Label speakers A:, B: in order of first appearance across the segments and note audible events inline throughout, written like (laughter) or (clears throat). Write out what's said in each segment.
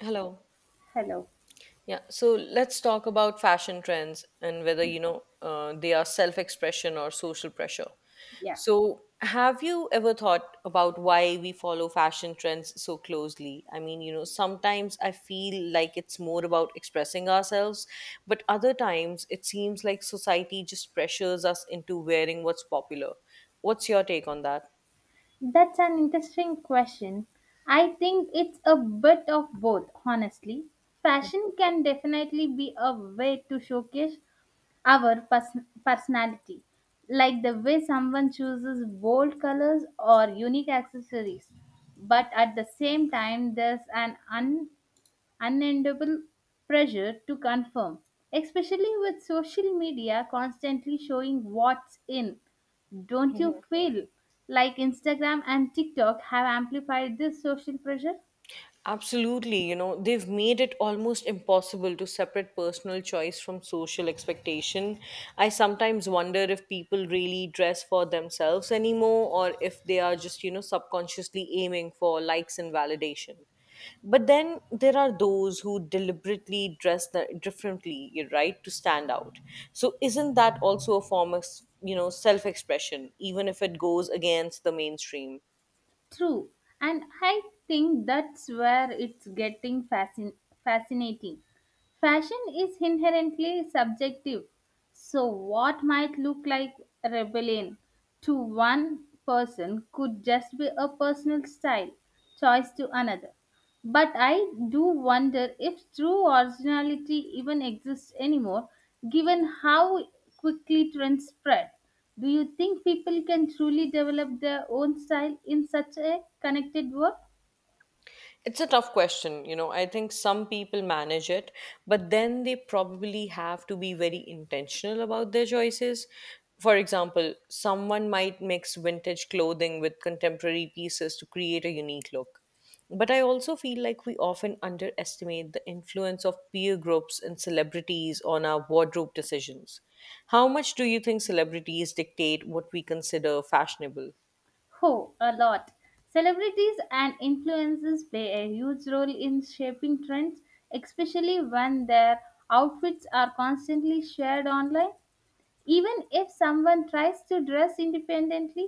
A: Hello.
B: Hello.
A: Yeah, so let's talk about fashion trends and whether, they are self-expression or social pressure.
B: Yeah,
A: So, have you ever thought about why we follow fashion trends so closely? Sometimes I feel like it's more about expressing ourselves, but other times it seems like society just pressures us into wearing what's popular. What's your take on that?
B: that's an interesting question. I think it's a bit of both, honestly. Fashion can definitely be a way to showcase our personality, like the way someone chooses bold colors or unique accessories. But at the same time, there's an Unendable pressure to confirm, especially with social media constantly showing what's in. Don't you feel like Instagram and TikTok have amplified this social pressure?
A: Absolutely, you know, they've made it almost impossible to separate personal choice from social expectation. I sometimes wonder if people really dress for themselves anymore or if they are just, you know, subconsciously aiming for likes and validation. But then there are those who deliberately differently, right, to stand out. So isn't that also a form of, self-expression, even if it goes against the mainstream?
B: True, and I think that's where it's getting fascinating. Fashion is inherently subjective, so what might look like rebellion to one person could just be a personal style choice to another. But I do wonder if true originality even exists anymore, given how quickly trends spread. Do you think people can truly develop their own style in such a connected world?
A: It's a tough question, you know. I think some people manage it, but then they probably have to be very intentional about their choices. For example, someone might mix vintage clothing with contemporary pieces to create a unique look. But I also feel like we often underestimate the influence of peer groups and celebrities on our wardrobe decisions. How much do you think celebrities dictate what we consider fashionable?
B: Oh, a lot. Celebrities and influencers play a huge role in shaping trends, especially when their outfits are constantly shared online. Even if someone tries to dress independently,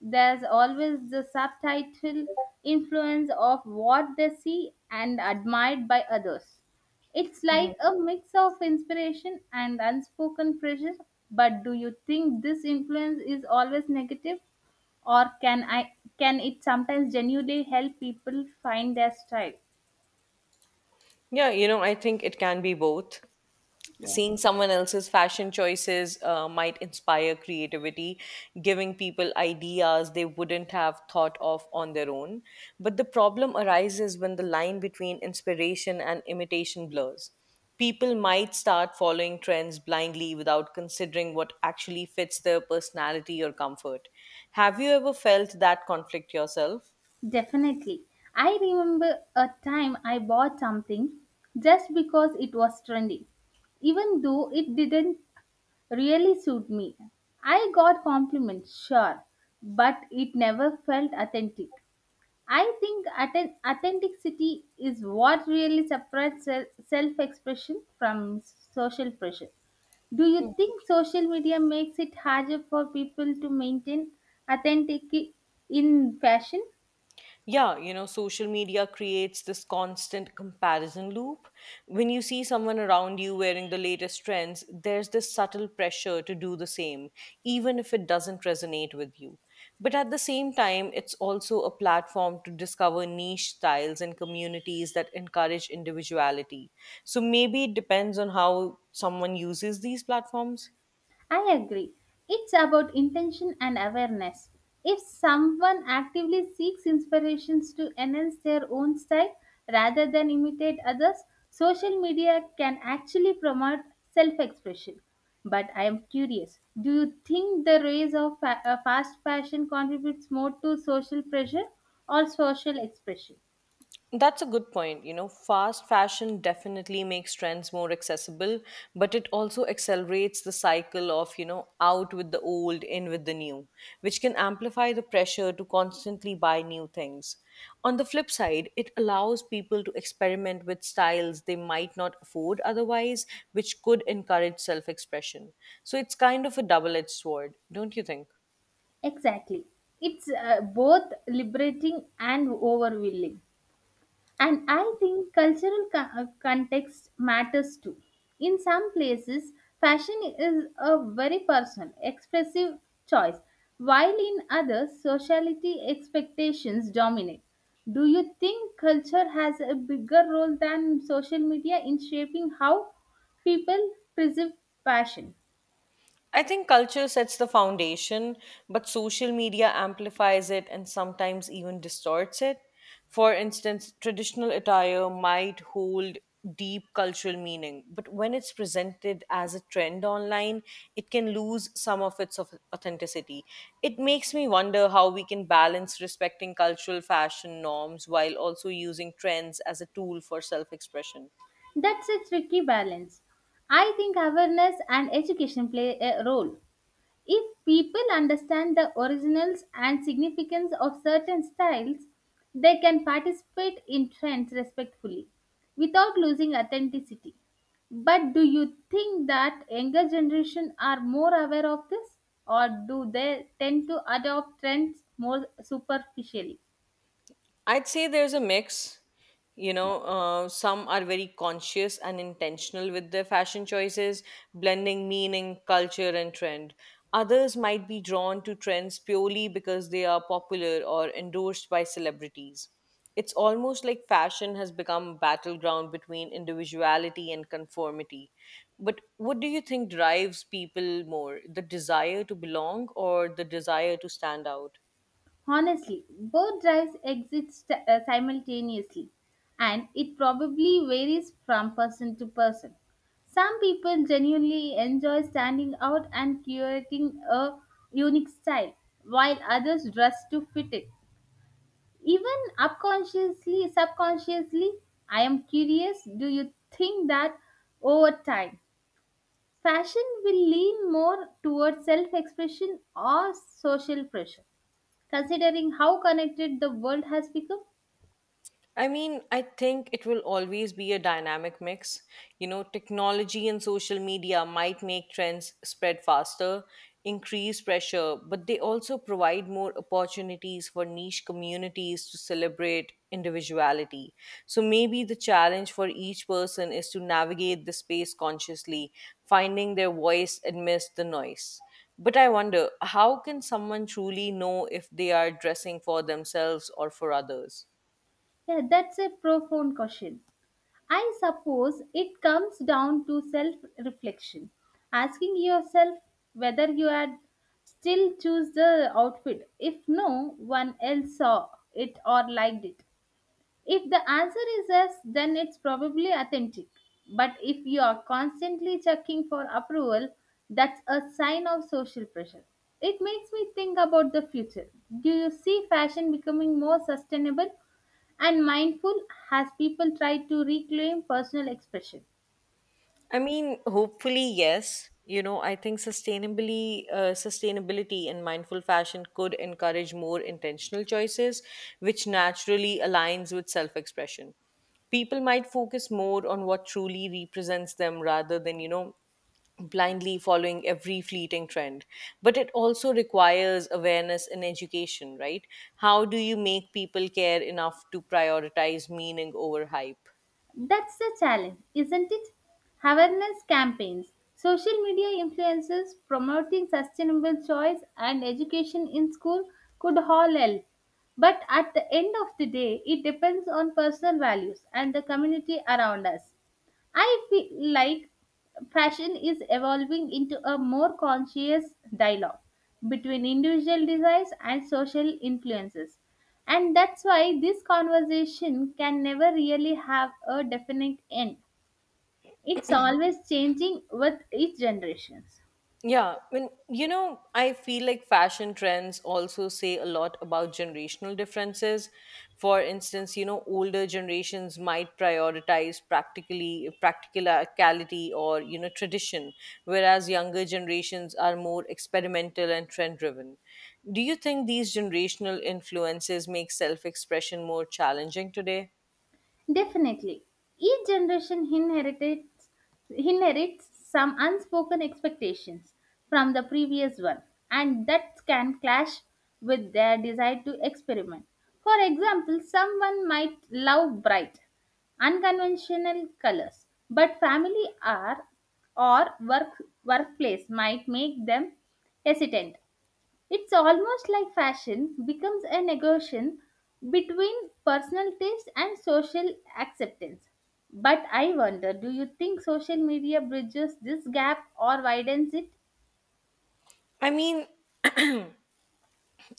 B: there's always the subtitle influence of what they see and admired by others. It's like a mix of inspiration and unspoken pressure. But do you think this influence is always negative, or can it sometimes genuinely help people find their style?
A: Yeah, you know, I think it can be both.
B: Yeah.
A: Seeing someone else's fashion choices might inspire creativity, giving people ideas they wouldn't have thought of on their own. But the problem arises when the line between inspiration and imitation blurs. People might start following trends blindly without considering what actually fits their personality or comfort. Have you ever felt that conflict yourself?
B: Definitely. I remember a time I bought something just because it was trendy, even though it didn't really suit me. I got compliments, sure, but it never felt authentic. I think authenticity is what really separates self expression from social pressure. Do you think social media makes it harder for people to maintain authenticity in fashion?
A: Yeah, you know, social media creates this constant comparison loop. When you see someone around you wearing the latest trends, there's this subtle pressure to do the same, even if it doesn't resonate with you. But at the same time, it's also a platform to discover niche styles and communities that encourage individuality. So maybe it depends on how someone uses these platforms.
B: I agree. It's about intention and awareness. If someone actively seeks inspirations to enhance their own style rather than imitate others, social media can actually promote self expression. But I am curious, do you think the rise of fast fashion contributes more to social pressure or social expression?
A: That's a good point. You know, fast fashion definitely makes trends more accessible, but it also accelerates the cycle of, out with the old, in with the new, which can amplify the pressure to constantly buy new things. On the flip side, it allows people to experiment with styles they might not afford otherwise, which could encourage self expression. So it's kind of a double edged sword, don't you think?
B: Exactly. It's both liberating and overwhelming. And I think cultural context matters too. In some places, fashion is a very personal, expressive choice, while in others, sociality expectations dominate. Do you think culture has a bigger role than social media in shaping how people perceive fashion?
A: I think culture sets the foundation, but social media amplifies it and sometimes even distorts it. For instance, traditional attire might hold deep cultural meaning, but when it's presented as a trend online, it can lose some of authenticity. It makes me wonder how we can balance respecting cultural fashion norms while also using trends as a tool for self expression.
B: That's a tricky balance. I think awareness and education play a role. If people understand the originals and significance of certain styles, they can participate in trends respectfully without losing authenticity. But do you think that younger generation are more aware of this, or do they tend to adopt trends more superficially?
A: I'd say there's a mix. Some are very conscious and intentional with their fashion choices, blending meaning, culture, and trend. Others might be drawn to trends purely because they are popular or endorsed by celebrities. It's almost like fashion has become a battleground between individuality and conformity. But what do you think drives people more, the desire to belong or the desire to stand out?
B: Honestly, both drives exist simultaneously, and it probably varies from person to person. Some people genuinely enjoy standing out and curating a unique style, while others dress to fit it. Even subconsciously, I am curious. Do you think that over time, fashion will lean more towards self-expression or social pressure? Considering how connected the world has become?
A: I mean, I think it will always be a dynamic mix. You know, technology and social media might make trends spread faster, increase pressure, but they also provide more opportunities for niche communities to celebrate individuality. So maybe the challenge for each person is to navigate the space consciously, finding their voice amidst the noise. But I wonder, how can someone truly know if they are dressing for themselves or for others?
B: Yeah, that's a profound question. I suppose it comes down to self reflection, asking yourself whether you had still choose the outfit if no one else saw it or liked it. If the answer is yes, then it's probably authentic. But if you are constantly checking for approval, that's a sign of social pressure. It makes me think about the future. Do you see fashion becoming more sustainable and mindful as people try to reclaim personal expression?
A: I mean, hopefully, yes. You know, I think sustainability and mindful fashion could encourage more intentional choices, which naturally aligns with self-expression. People might focus more on what truly represents them rather than, blindly following every fleeting trend. But it also requires awareness and education, right? How do you make people care enough to prioritize meaning over hype?
B: That's the challenge, isn't it? Awareness campaigns, social media influencers promoting sustainable choice, and education in school could all help. But at the end of the day, it depends on personal values and the community around us. I feel like fashion is evolving into a more conscious dialogue between individual desires and social influences. And that's why this conversation can never really have a definite end. It's always changing with each generation.
A: Yeah, I mean, you know, I feel like fashion trends also say a lot about generational differences. For instance, you know, older generations might prioritize practically practicality or you know tradition, whereas younger generations are more experimental and trend driven. Do you think these generational influences make self expression more challenging today?
B: Definitely. Each generation inherits some unspoken expectations from the previous one, and that can clash with their desire to experiment. For example, someone might love bright, unconventional colors, but family are or work workplace might make them hesitant. It's almost like fashion becomes a negotiation between personal taste and social acceptance. But I wonder, do you think social media bridges this gap or widens it?
A: I mean,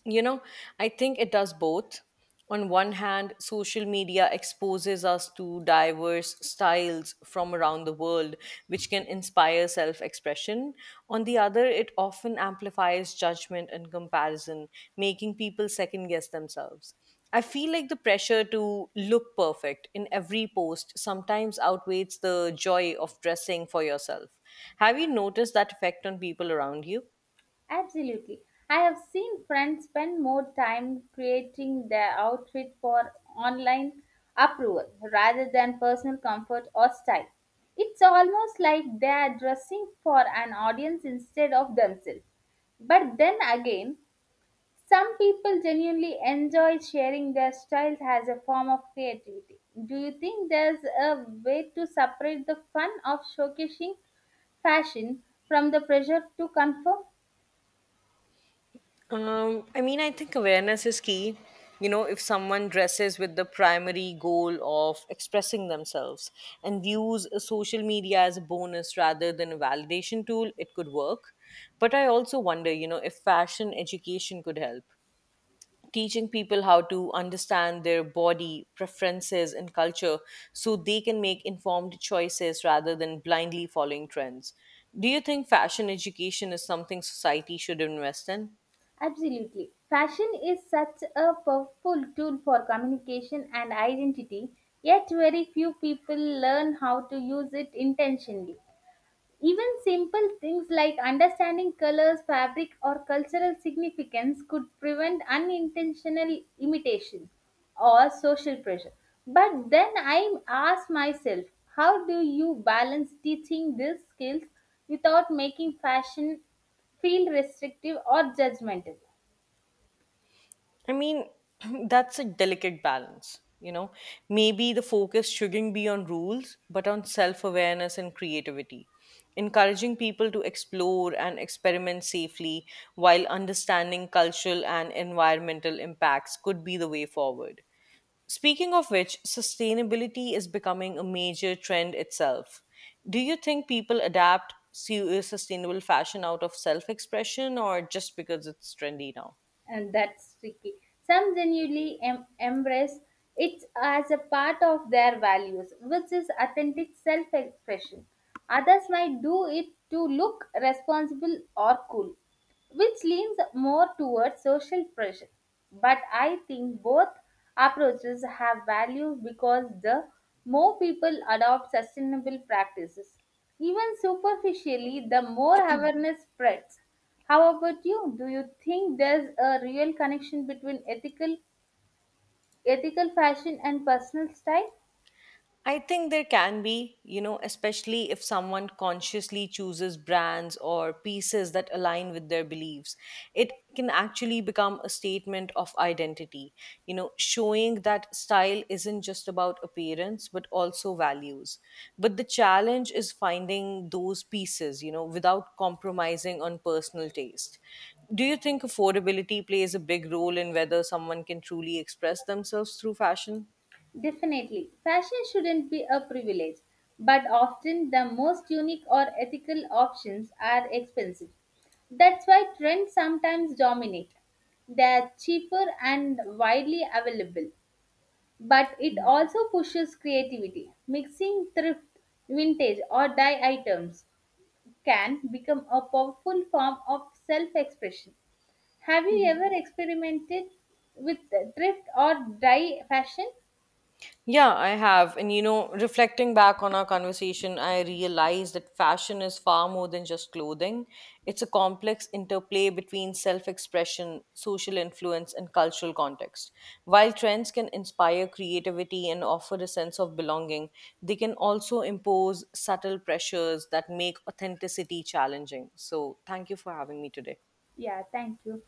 A: you know, I think it does both. On one hand, social media exposes us to diverse styles from around the world, which can inspire self expression. On the other, it often amplifies judgment and comparison, making people second guess themselves. I feel like the pressure to look perfect in every post sometimes outweighs the joy of dressing for yourself. Have you noticed that effect on people around you?
B: Absolutely. I have seen friends spend more time creating their outfit for online approval rather than personal comfort or style. It's almost like they are dressing for an audience instead of themselves. But then again, some people genuinely enjoy sharing their styles as a form of creativity. Do you think there's a way to separate the fun of showcasing fashion from the pressure to conform?
A: I mean, I think awareness is key. You know, if someone dresses with the primary goal of expressing themselves and views social media as a bonus rather than a validation tool, it could work. But I also wonder, you know, if fashion education could help. Teaching people how to understand their body, preferences, and culture so they can make informed choices rather than blindly following trends. Do you think fashion education is something society should invest in?
B: Absolutely. Fashion is such a powerful tool for communication and identity, yet very few people learn how to use it intentionally. Even simple things like understanding colors, fabric, or cultural significance could prevent unintentional imitation or social pressure. But then I ask myself, how do you balance teaching these skills without making fashion feel restrictive or judgmental?
A: I mean, (clears throat) that's a delicate balance. You know, maybe the focus shouldn't be on rules, but on self awareness and creativity, encouraging people to explore and experiment safely while understanding cultural and environmental impacts could be the way forward. Speaking of which, sustainability is becoming a major trend itself. Do you think people adapt sustainable fashion out of self expression or just because it's trendy now?
B: And that's tricky. Some genuinely embrace it as a part of their values, which is authentic self expression. Others might do it to look responsible or cool, which leans more towards social pressure. But I think both approaches have value because the more people adopt sustainable practices, even superficially, the more awareness spreads. How about you? Do you think there's a real connection between ethical fashion and personal style?
A: I think there can be, you know, especially if someone consciously chooses brands or pieces that align with their beliefs. It can actually become a statement of identity, you know, showing that style isn't just about appearance, but also values. But the challenge is finding those pieces, without compromising on personal taste. Do you think affordability plays a big role in whether someone can truly express themselves through fashion?
B: Definitely. Fashion shouldn't be a privilege, but often the most unique or ethical options are expensive. That's why trends sometimes dominate. They're cheaper and widely available, but it also pushes creativity. Mixing thrift, vintage, or dye items can become a powerful form of self expression. Have you ever experimented with thrift or dye fashion?
A: Yeah, I have. And you know, reflecting back on our conversation, I realized that fashion is far more than just clothing. It's a complex interplay between self expression, social influence, and cultural context. While trends can inspire creativity and offer a sense of belonging, they can also impose subtle pressures that make authenticity challenging. So, thank you for having me today.
B: Yeah, thank you.